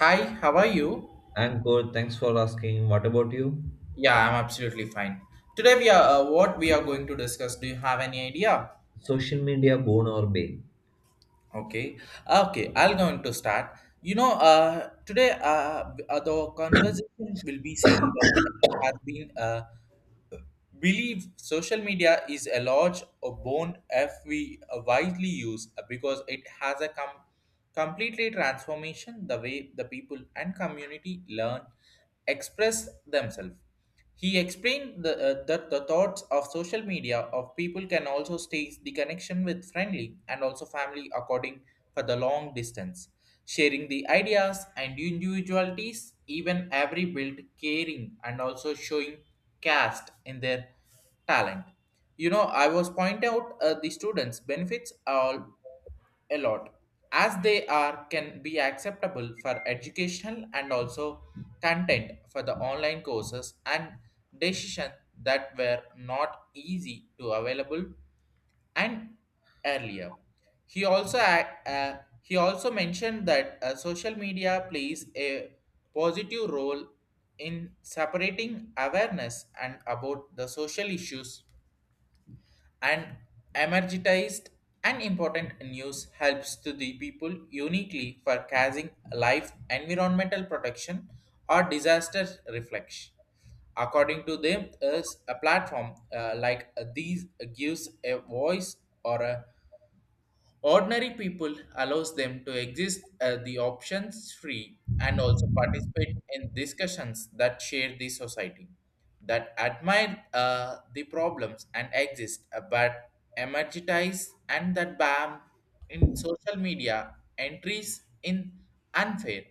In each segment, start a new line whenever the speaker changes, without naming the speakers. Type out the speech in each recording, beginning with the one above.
Hi, how are you?
I'm good. Thanks for asking. What about you?
Yeah, I'm absolutely fine. Today we are what we are going to discuss. Do you have any idea?
Social media boon or bane?
Okay, okay, I'll going to start. Today the conversation will be saying that it has been believe social media is a large bone if we widely use because it has a completely transformation the way the people and community learn express themselves. He explained that the thoughts of social media of people can also stage the connection with friendly and also family according for the long distance, sharing the ideas and individualities, even every build caring and also showing caste in their talent. I was point out the students benefits all a lot as they are can be acceptable for educational and also content for the online courses and decision that were not easy to available and earlier. He also he also mentioned that social media plays a positive role in separating awareness and about the social issues and emergitized and important news helps to the people uniquely for casing life environmental protection or disaster reflection. According to them is a platform like these gives a voice or a ordinary people allows them to exist the options free and also participate in discussions that share the society, that admire the problems and exist, but emergitize and that bam in social media entries in unfair.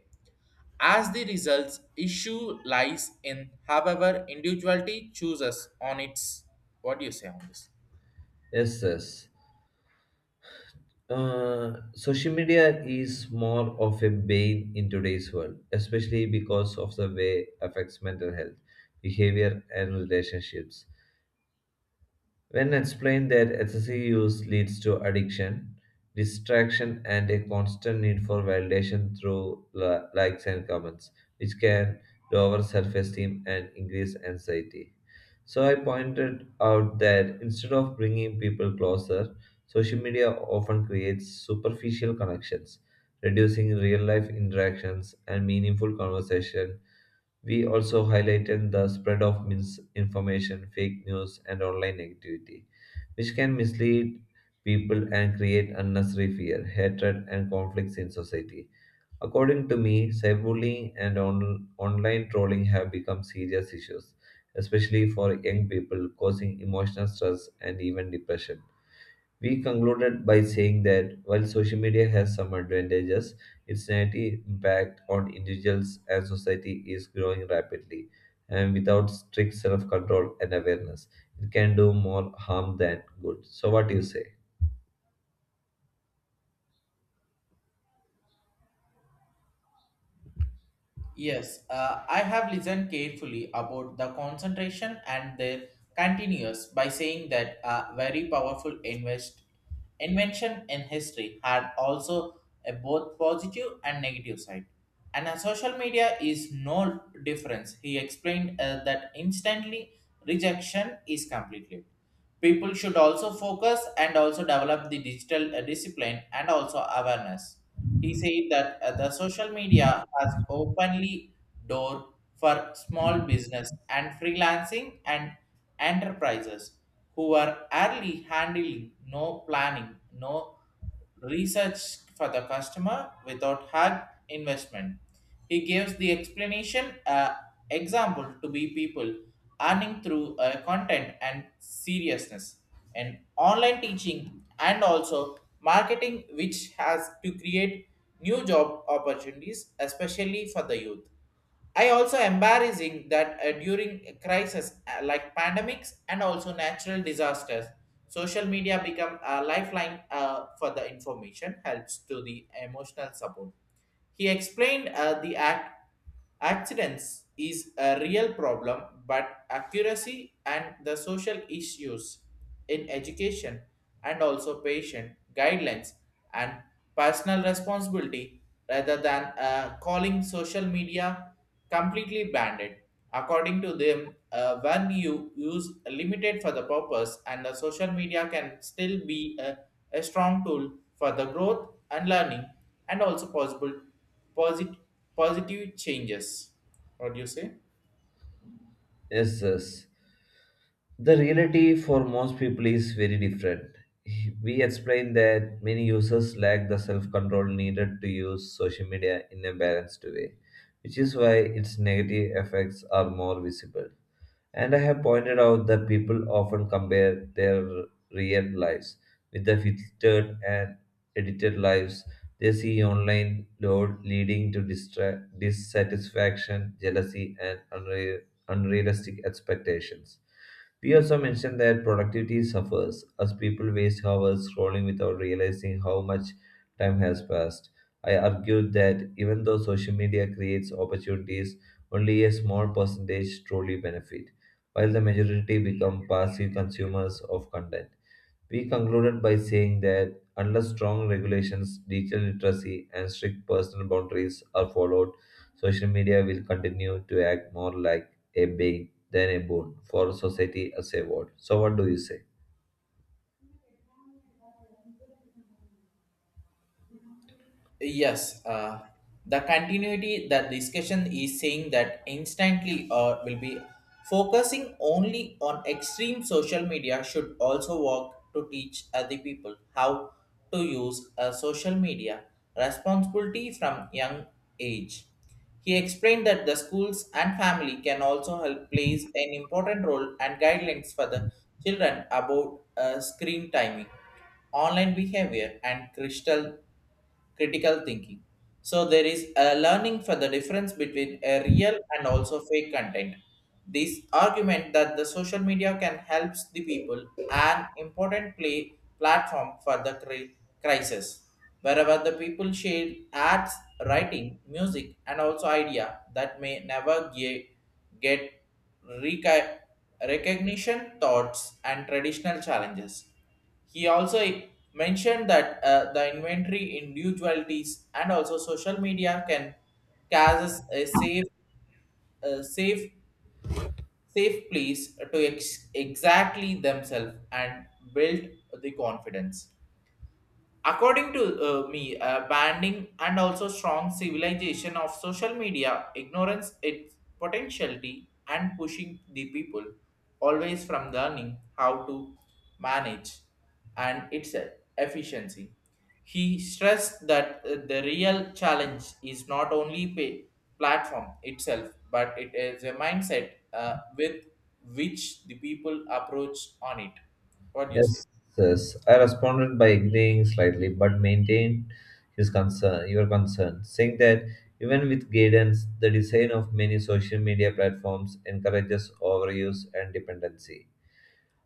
As the results, issue lies in however individuality chooses on its. What do you say on this?
Yes, yes. Social media is more of a bane in today's world, especially because of the way it affects mental health, behavior, and relationships. When explained that excessive use leads to addiction, distraction, and a constant need for validation through likes and comments, which can lower self-esteem and increase anxiety. So I pointed out that instead of bringing people closer, social media often creates superficial connections, reducing real life interactions and meaningful conversation. We also highlighted the spread of misinformation, fake news, and online negativity, which can mislead people and create unnecessary fear, hatred, and conflicts in society. According to me, cyberbullying and online trolling have become serious issues, especially for young people, causing emotional stress and even depression. We concluded by saying that while social media has some advantages, its negative impact on individuals and society is growing rapidly, and without strict self control and awareness, it can do more harm than good. So, what do you say?
Yes, I have listened carefully about the concentration and their continuous by saying that a very powerful invest invention in history had also a both positive and negative side. And a social media is no difference. He explained that instantly rejection is completely. People should also focus and also develop the digital discipline and also awareness. He said that the social media has openly door for small business and freelancing and enterprises who are early handling, no planning, no research for the customer without hard investment. He gives the explanation example to be people earning through content and seriousness and online teaching and also marketing which has to create new job opportunities especially for the youth. I also embarrassing that during a crisis like pandemics and also natural disasters, social media become a lifeline for the information helps to the emotional support. He explained the act accidents is a real problem, but accuracy and the social issues in education and also patient guidelines and personal responsibility rather than calling social media completely banned it. According to them, when you use limited for the purpose, and the social media can still be a strong tool for the growth and learning, and also possible posit- positive changes. What do you say?
Yes, yes. The reality for most people is very different. We explained that many users lack the self control needed to use social media in a balanced way, which is why its negative effects are more visible. And I have pointed out that people often compare their real lives with the filtered and edited lives they see online, load leading to dissatisfaction, jealousy, and unrealistic expectations. We also mentioned that productivity suffers as people waste hours scrolling without realizing how much time has passed. I argued that even though social media creates opportunities, only a small percentage truly benefit while the majority become passive consumers of content. We concluded by saying that unless strong regulations, digital literacy, and strict personal boundaries are followed, social media will continue to act more like a bane than a boon for society as a whole. So, what do you say?
Yes, the continuity that discussion is saying that instantly or will be focusing only on extreme social media should also work to teach other people how to use a social media responsibility from young age. He explained that the schools and family can also help plays an important role and guidelines for the children about screen timing online behavior and crystal critical thinking. So there is a learning for the difference between a real and also fake content. This argument that the social media can help the people an important play platform for the crisis, wherever the people share ads, writing, music, and also idea that may never get reca- recognition, thoughts, and traditional challenges. He also mentioned that the inventory individualities and also social media can causes a safe, safe place to exactly themselves and build the confidence. According to me, banning and also strong civilization of social media ignorance its potentiality and pushing the people always from learning how to manage and its efficiency. He stressed that the real challenge is not only pay platform itself, but it is a mindset with which the people approach on it. What do you say?
Yes, yes. I responded by agreeing slightly, but maintained his concern, your concern, saying that even with guidance, the design of many social media platforms encourages overuse and dependency.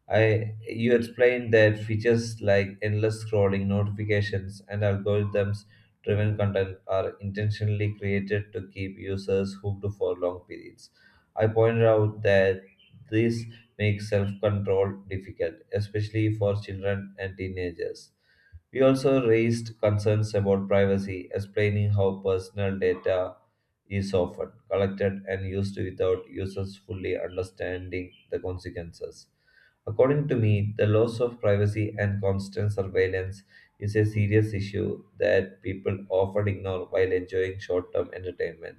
I you explained that features like endless scrolling, notifications, and algorithms driven content are intentionally created to keep users hooked for long periods. I pointed out that this makes self control difficult, especially for children and teenagers. We also raised concerns about privacy, explaining how personal data is often collected and used without users fully understanding the consequences. According to me, the loss of privacy and constant surveillance is a serious issue that people often ignore while enjoying short term entertainment.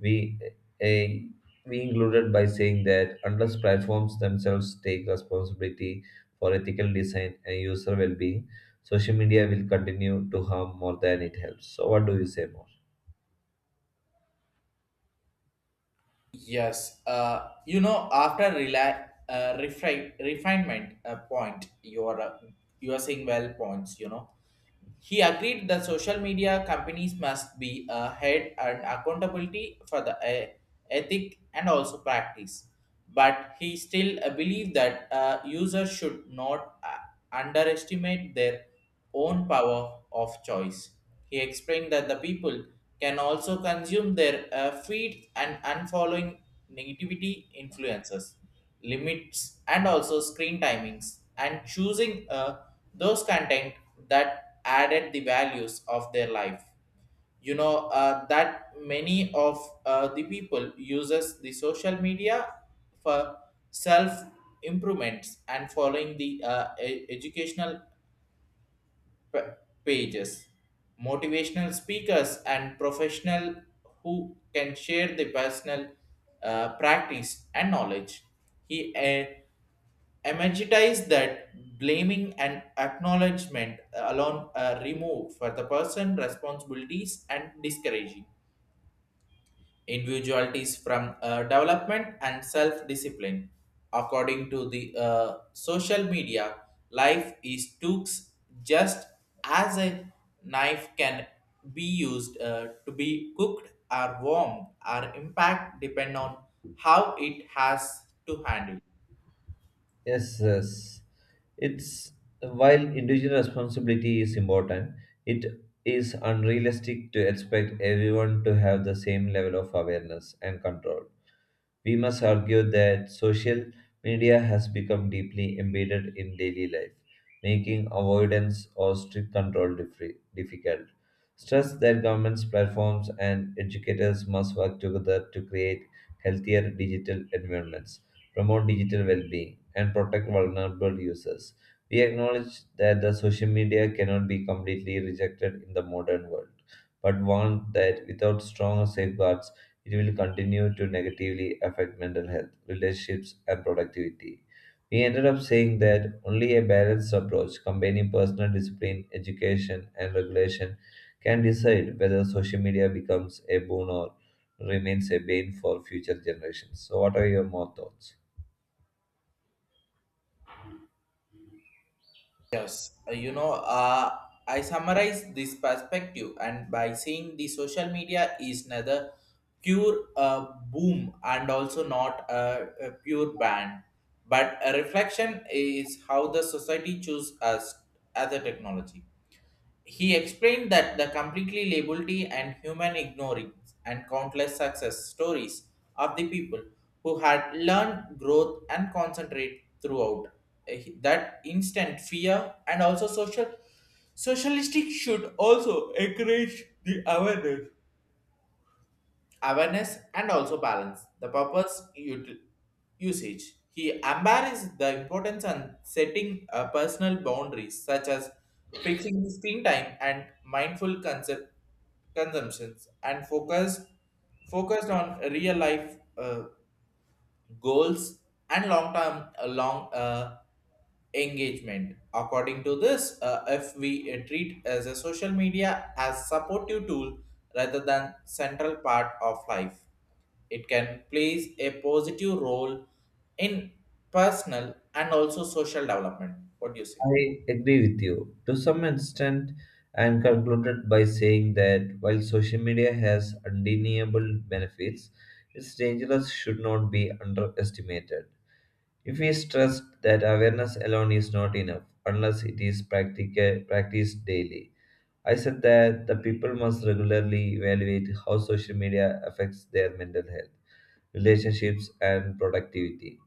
We, a, we included by saying that unless platforms themselves take responsibility for ethical design and user well-being, social media will continue to harm more than it helps. So, what do you say more?
Yes, after refinement point, you are saying well points. He agreed the social media companies must be ahead and accountability for the ethic and also practice. But he still believed that users should not underestimate their own power of choice. He explained that the people can also consume their feeds and unfollowing negativity influences limits and also screen timings and choosing those content that added the values of their life. You know that many of the people uses the social media for self improvements and following the educational p- pages motivational speakers and professional who can share the personal practice and knowledge. He emphasize that blaming and acknowledgement alone are removed for the person responsibilities and discouraging individualities from development and self-discipline. According to the social media, life is tooks just as a knife can be used to be cooked or warmed. Our impact depend on how it has to handle.
Yes, yes. It's while individual responsibility is important, it is unrealistic to expect everyone to have the same level of awareness and control. We must argue that social media has become deeply embedded in daily life, making avoidance or strict control difficult. Stress that governments, platforms, and educators must work together to create healthier digital environments, promote digital well being, and protect vulnerable users. We acknowledge that the social media cannot be completely rejected in the modern world, but warn that without strong safeguards, it will continue to negatively affect mental health, relationships, and productivity. We ended up saying that only a balanced approach combining personal discipline, education, and regulation can decide whether social media becomes a boon or remains a bane for future generations. So, what are your more thoughts?
Yes, I summarize this perspective, and by saying the social media is neither pure boom and also not a pure ban, but a reflection is how the society choose us as a technology. He explained that the completely liability and human ignorance and countless success stories of the people who had learned growth and concentrate throughout. Uh, that instant fear and also social socialistic should also encourage the awareness and also balance the purpose usage. He embarrassed the importance on setting personal boundaries such as fixing screen time and mindful concept consumptions and focused on real life goals and long term long engagement. According to this, if we treat as a social media as supportive tool rather than central part of life, it can plays a positive role in personal and also social development. What do you say?
I agree with you to some extent and concluded by saying that while social media has undeniable benefits, its dangers should not be underestimated. If we stress that awareness alone is not enough unless it is practiced daily, I said that the people must regularly evaluate how social media affects their mental health relationships, and productivity.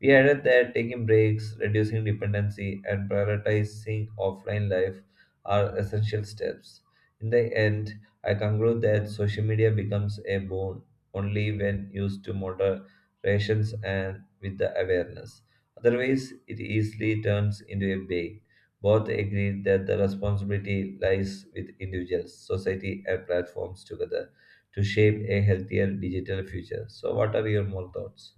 We added that taking breaks, reducing dependency, and prioritizing offline life are essential steps. In the end, I conclude that social media becomes a boon only when used to moderations and with the awareness. Otherwise, it easily turns into a bait. Both agreed that the responsibility lies with individuals, society, and platforms together to shape a healthier digital future. So, what are your more thoughts?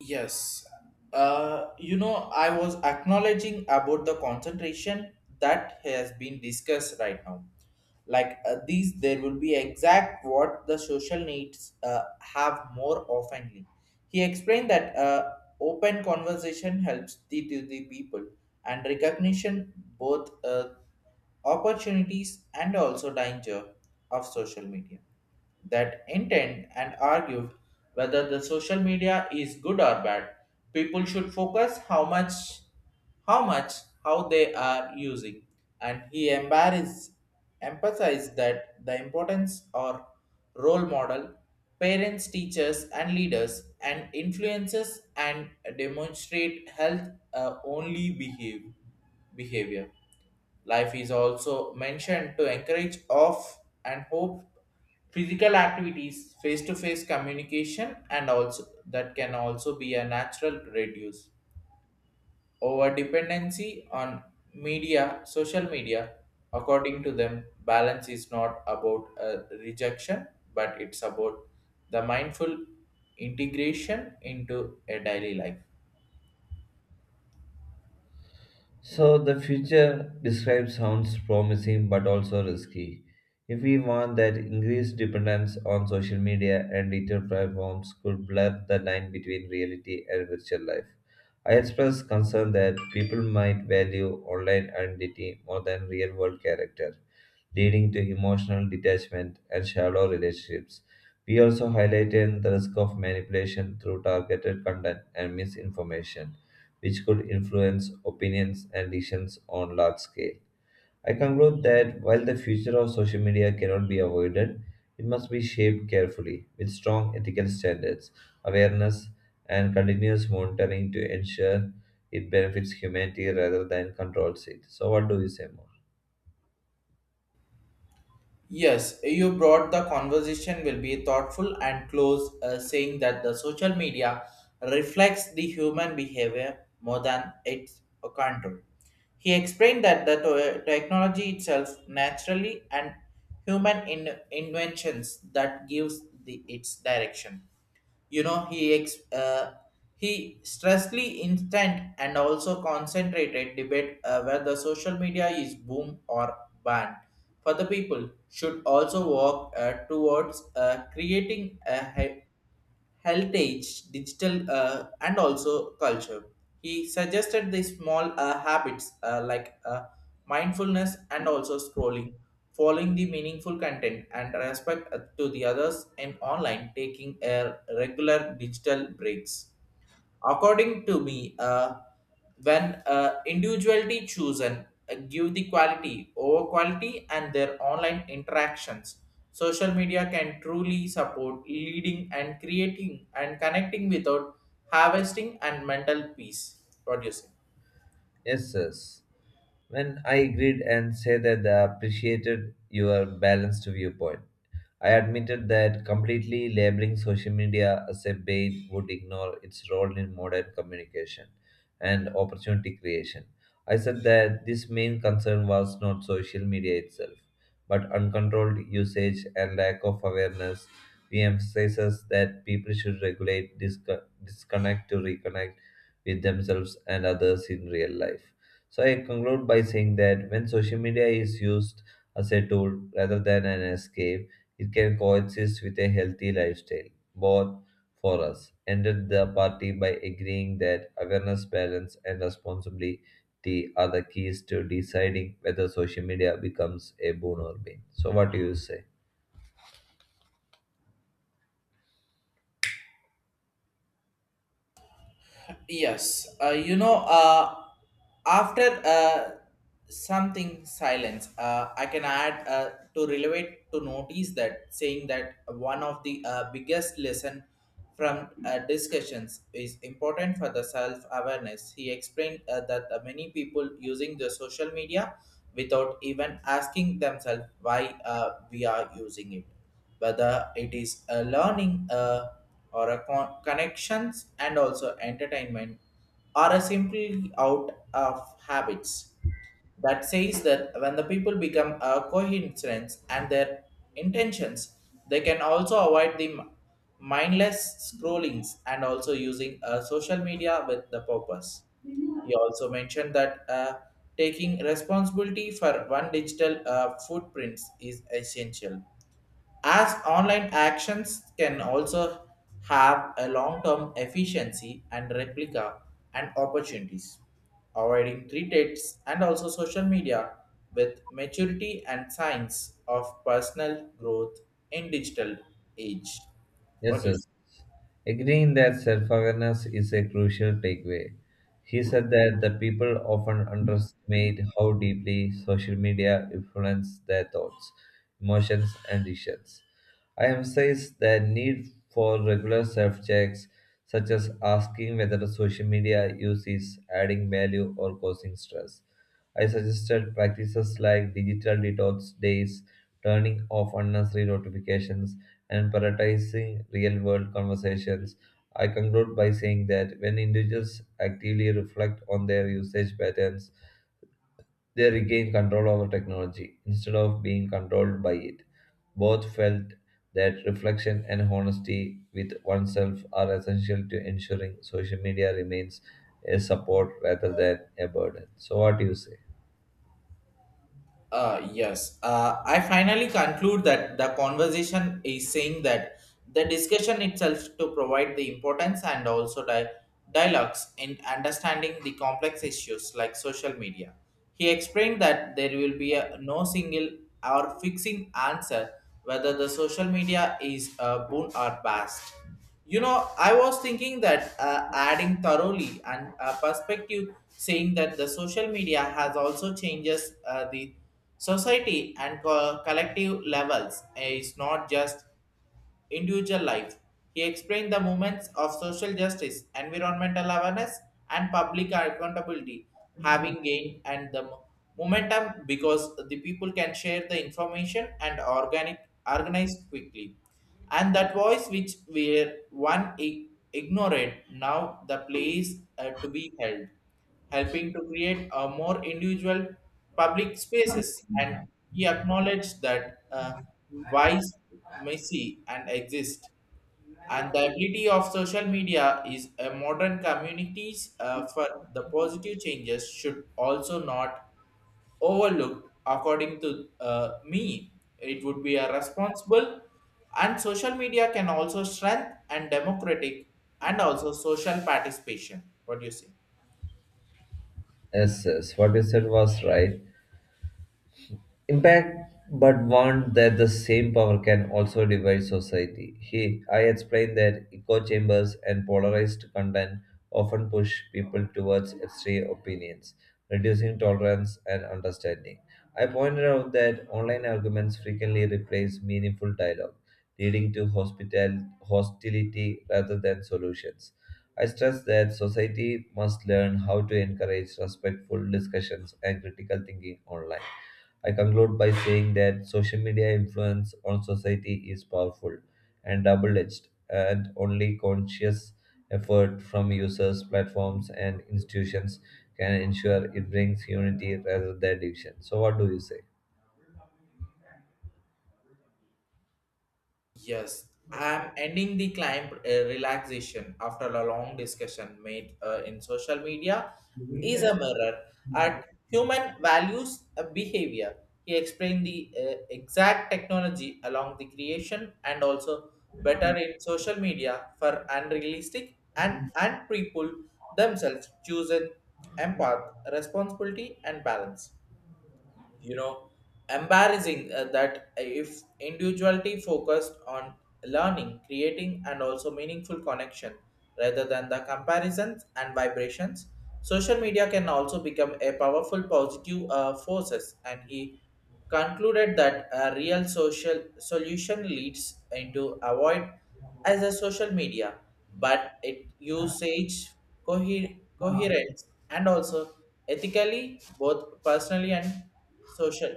Yes. I was acknowledging about the concentration that has been discussed right now. Like these, there will be exact what the social needs have more oftenly. He explained that open conversation helps the, to the people and recognition both opportunities and also danger of social media that intend and argue whether the social media is good or bad. People should focus how much how they are using. And he embarrassed emphasized that the importance or role model parents teachers and leaders and influences and demonstrate health only behave behavior. Life is also mentioned to encourage off and hope physical activities, face-to-face communication, and also that can also be a natural reduce over dependency on media, social media. According to them, balance is not about a rejection, but it's about the mindful integration into a daily life.
So the future described sounds promising but also risky. If we want that increased dependence on social media and digital platforms could blur the line between reality and virtual life. I express concern that people might value online identity more than real world character, leading to emotional detachment and shallow relationships. We also highlighted the risk of manipulation through targeted content and misinformation which could influence opinions and decisions on large scale. I conclude that while the future of social media cannot be avoided, it must be shaped carefully with strong ethical standards, awareness, and continuous monitoring to ensure it benefits humanity rather than controls it. So, what do you say more?
Yes, you brought the conversation will be thoughtful and close, saying that the social media reflects the human behavior more than its control. He explained that the technology itself naturally and human inventions that gives the its direction. You know, he stressly instant and also concentrated debate where the social media is boom or banned for the people should also work towards creating heritage, digital, and also culture. He suggested the small habits mindfulness and also scrolling, following the meaningful content, and respect to the others in online, taking a regular digital breaks. According to me, when individuality chosen give the quality over quality and their online interactions, social media can truly support leading and creating and connecting without harvesting and mental peace. What do you say?
Yes, yes. When I agreed and said that I appreciated your balanced viewpoint, I admitted that completely labeling social media as a bait would ignore its role in modern communication and opportunity creation. I said that this main concern was not social media itself, but uncontrolled usage and lack of awareness. We emphasizes that people should regulate, disconnect to reconnect, with themselves and others in real life. So I conclude by saying that when social media is used as a tool rather than an escape, it can coexist with a healthy lifestyle. Both for us ended the party by agreeing that awareness, balance, and responsibility are the keys to deciding whether social media becomes a boon or bane. So what do you say?
Yes, after something silence, I can add to relate to notice that saying that one of the biggest lesson from discussions is important for the self awareness. He explained that many people using the social media without even asking themselves why we are using it, whether it is a learning or a connections and also entertainment or a simply out of habits. That says that when the people become a coincidence and their intentions they can also avoid the mindless scrollings and also using social media with the purpose. He also mentioned that taking responsibility for one digital footprints is essential as online actions can also have a long-term efficiency and replica and opportunities, avoiding threats and also social media with maturity and signs of personal growth in digital age. What
Yes,
do you
yes. Agreeing that self awareness is a crucial takeaway. He said that the people often underestimate how deeply social media influences their thoughts, emotions, and decisions. I emphasize the need for regular self checks, such as asking whether the social media use is adding value or causing stress. I suggested practices like digital detox days, turning off unnecessary notifications, and prioritizing real world conversations. I conclude by saying that when individuals actively reflect on their usage patterns, they regain control over technology instead of being controlled by it. Both felt that reflection and honesty with oneself are essential to ensuring social media remains a support rather than a burden. So, what do you say?
Yes. I finally conclude that the conversation is saying that the discussion itself to provide the importance and also dialogues in understanding the complex issues like social media. He explained that there will be a no single or fixing answer whether the social media is a boon or bust. You know, I was thinking that adding thoroughly and perspective, saying that the social media has also changes the society and collective levels. It's not just individual life. He explained the movements of social justice, environmental awareness, and public accountability having gained and the momentum because the people can share the information and organic organized quickly. And that voice which were one ignored now the place to be held, helping to create a more individual public spaces. And he acknowledged that vice may see and exist. And the ability of social media is a modern communities for the positive changes should also not overlooked. According to me, it would be a responsible, and social media can also strengthen and democratic and also social participation. What do you say?
Yes, yes, what you said was right. Impact, but warned that the same power can also divide society. I explained that echo chambers and polarized content often push people towards extreme opinions, reducing tolerance and understanding. I pointed out that online arguments frequently replace meaningful dialogue, leading to hospital hostility rather than solutions. I stress that society must learn how to encourage respectful discussions and critical thinking online. I conclude by saying that social media influence on society is powerful and double edged, and only conscious effort from users, platforms, and institutions can ensure it brings unity rather than division. So, what do you say?
Yes, I'm ending the climb relaxation after a long discussion made in social media is a mirror at human values behavior. He explained the exact technology along the creation and also better in social media for unrealistic and people themselves chosen empath responsibility and balance, you know, embarrassing that if individuality focused on learning creating and also meaningful connection rather than the comparisons and vibrations, social media can also become a powerful positive forces. And he concluded that a real social solution leads into avoid as a social media but it usage coherence and also ethically both personally and social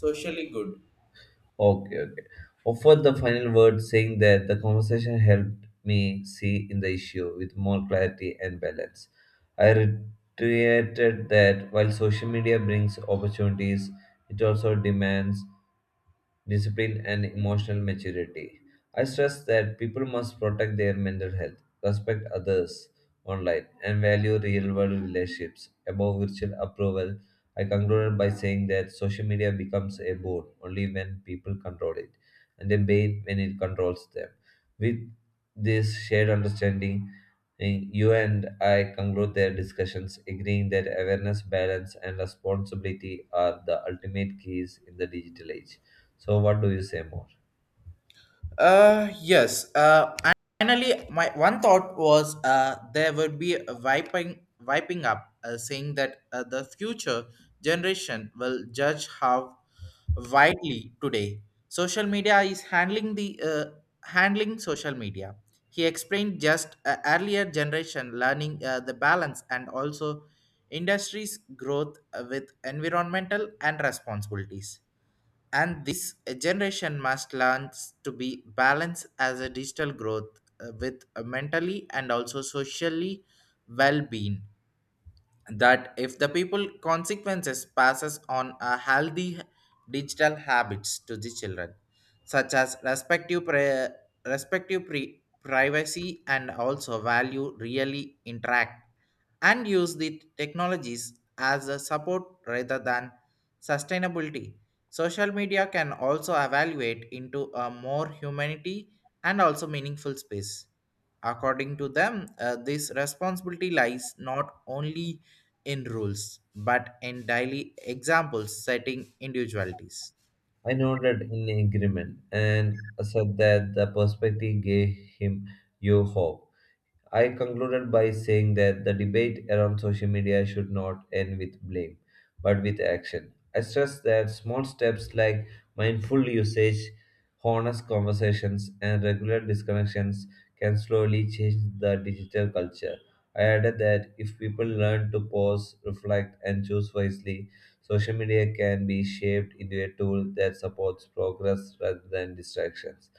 socially good.
Okay, okay. Offered the final word, saying that the conversation helped me see in the issue with more clarity and balance. I reiterated that while social media brings opportunities, it also demands discipline, and emotional maturity. I stress that people must protect their mental health, respect others online, and value real world relationships above virtual approval. I concluded by saying that social media becomes a boon only when people control it, and a bane when it controls them. With this shared understanding, you and I conclude their discussions, agreeing that awareness, balance, and responsibility are the ultimate keys in the digital age. So, what do you say more?
Yes. Uh, Finally, my one thought was there would be a wiping, wiping up, saying that the future generation will judge how widely today social media is handling the handling social media. He explained just earlier generation learning the balance and also industries growth with environmental and responsibilities, and this generation must learn to be balanced as a digital growth with a mentally and also socially well-being that if the people consequences passes on a healthy digital habits to the children such as respective privacy and also value really interact and use the technologies as a support rather than sustainability. Social media can also evaluate into a more humanity and also meaningful space. According to them, this responsibility lies not only in rules but in daily examples setting individualities.
I nodded in agreement and said that the perspective gave him new hope. I concluded by saying that the debate around social media should not end with blame, but with action. I stressed that small steps like mindful usage, honest conversations, and regular disconnections can slowly change the digital culture. I added that if people learn to pause, reflect, and choose wisely, social media can be shaped into a tool that supports progress rather than distractions.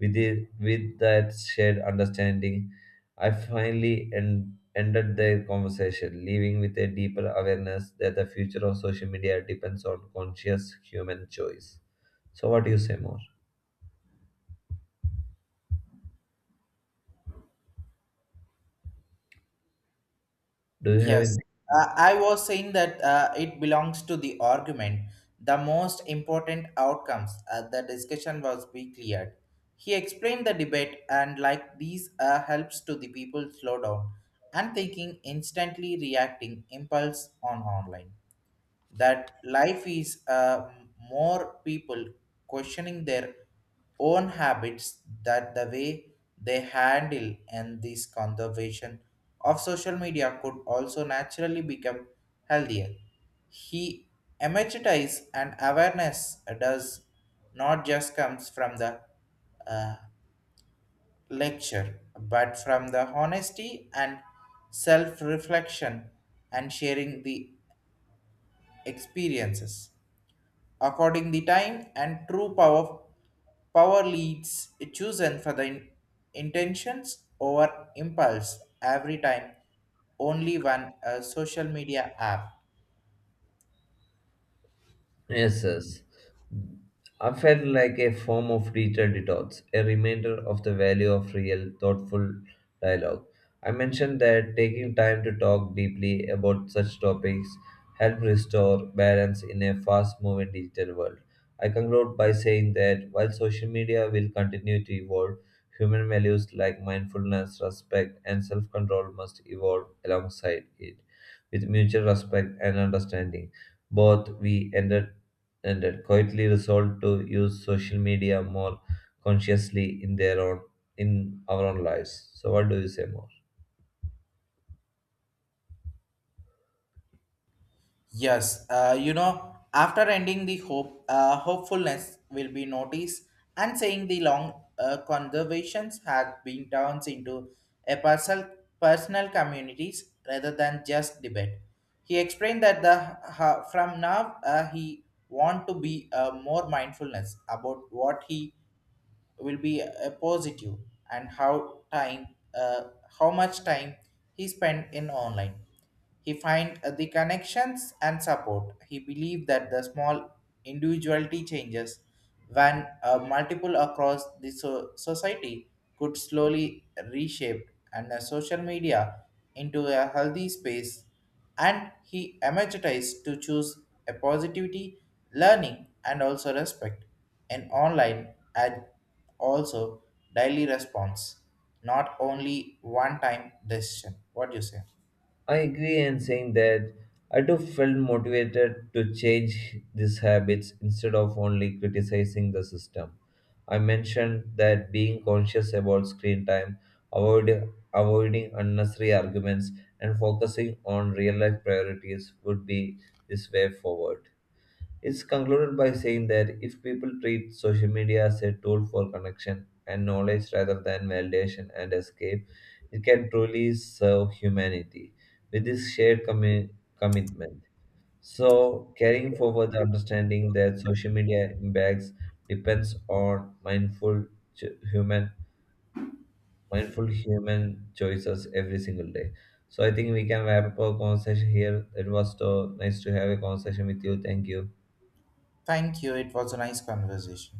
With that shared understanding, I finally ended their conversation, leaving with a deeper awareness that the future of social media depends on conscious human choice. So, what do you say more? Do you have
Yes,
any?
I was saying that it belongs to the argument. The most important outcomes the discussion was be cleared. He explained the debate and like these helps to the people slow down and thinking instantly reacting impulse on online, that life is more people questioning their own habits that the way they handle and this conservation of social media could also naturally become healthier. He emphasizes and awareness does not just comes from the uh, lecture but from the honesty and self reflection and sharing the experiences according the time and true power leads chosen for the intentions over impulse every time only one social media app.
Yes, yes. I felt like a form of digital detox, a reminder of the value of real, thoughtful dialogue. I mentioned that taking time to talk deeply about such topics help restore balance in a fast-moving digital world. I conclude by saying that while social media will continue to evolve, human values like mindfulness, respect, and self-control must evolve alongside it. With mutual respect and understanding, both we ended and had quietly resolved to use social media more consciously in their own in our own lives. So what do you say more?
Yes, you know, after ending the hope, hopefulness will be noticed, and saying the long conversations have been turned into a personal communities rather than just debate. He explained that the from now he want to be more mindfulness about what he will be a positive and how time uh, how much time he spent in online. He find the connections and support. He believed that the small individuality changes when multiple across the society could slowly reshape and social media into a healthy space. And he emerged to choose a positivity, learning, and also respect in online and also daily response, not only one time decision. What do you say?
I agree in saying that I too felt motivated to change these habits instead of only criticizing the system. I mentioned that being conscious about screen time, avoid, avoiding unnecessary arguments, and focusing on real life priorities would be this way forward. It's concluded by saying that if people treat social media as a tool for connection and knowledge rather than validation and escape, it can truly serve humanity with this shared commitment. So, carrying forward the understanding that social media impacts depends on mindful human mindful human choices every single day. So, I think we can wrap up our conversation here. It was so nice to have a conversation with you. Thank you.
Thank you. It was a nice conversation.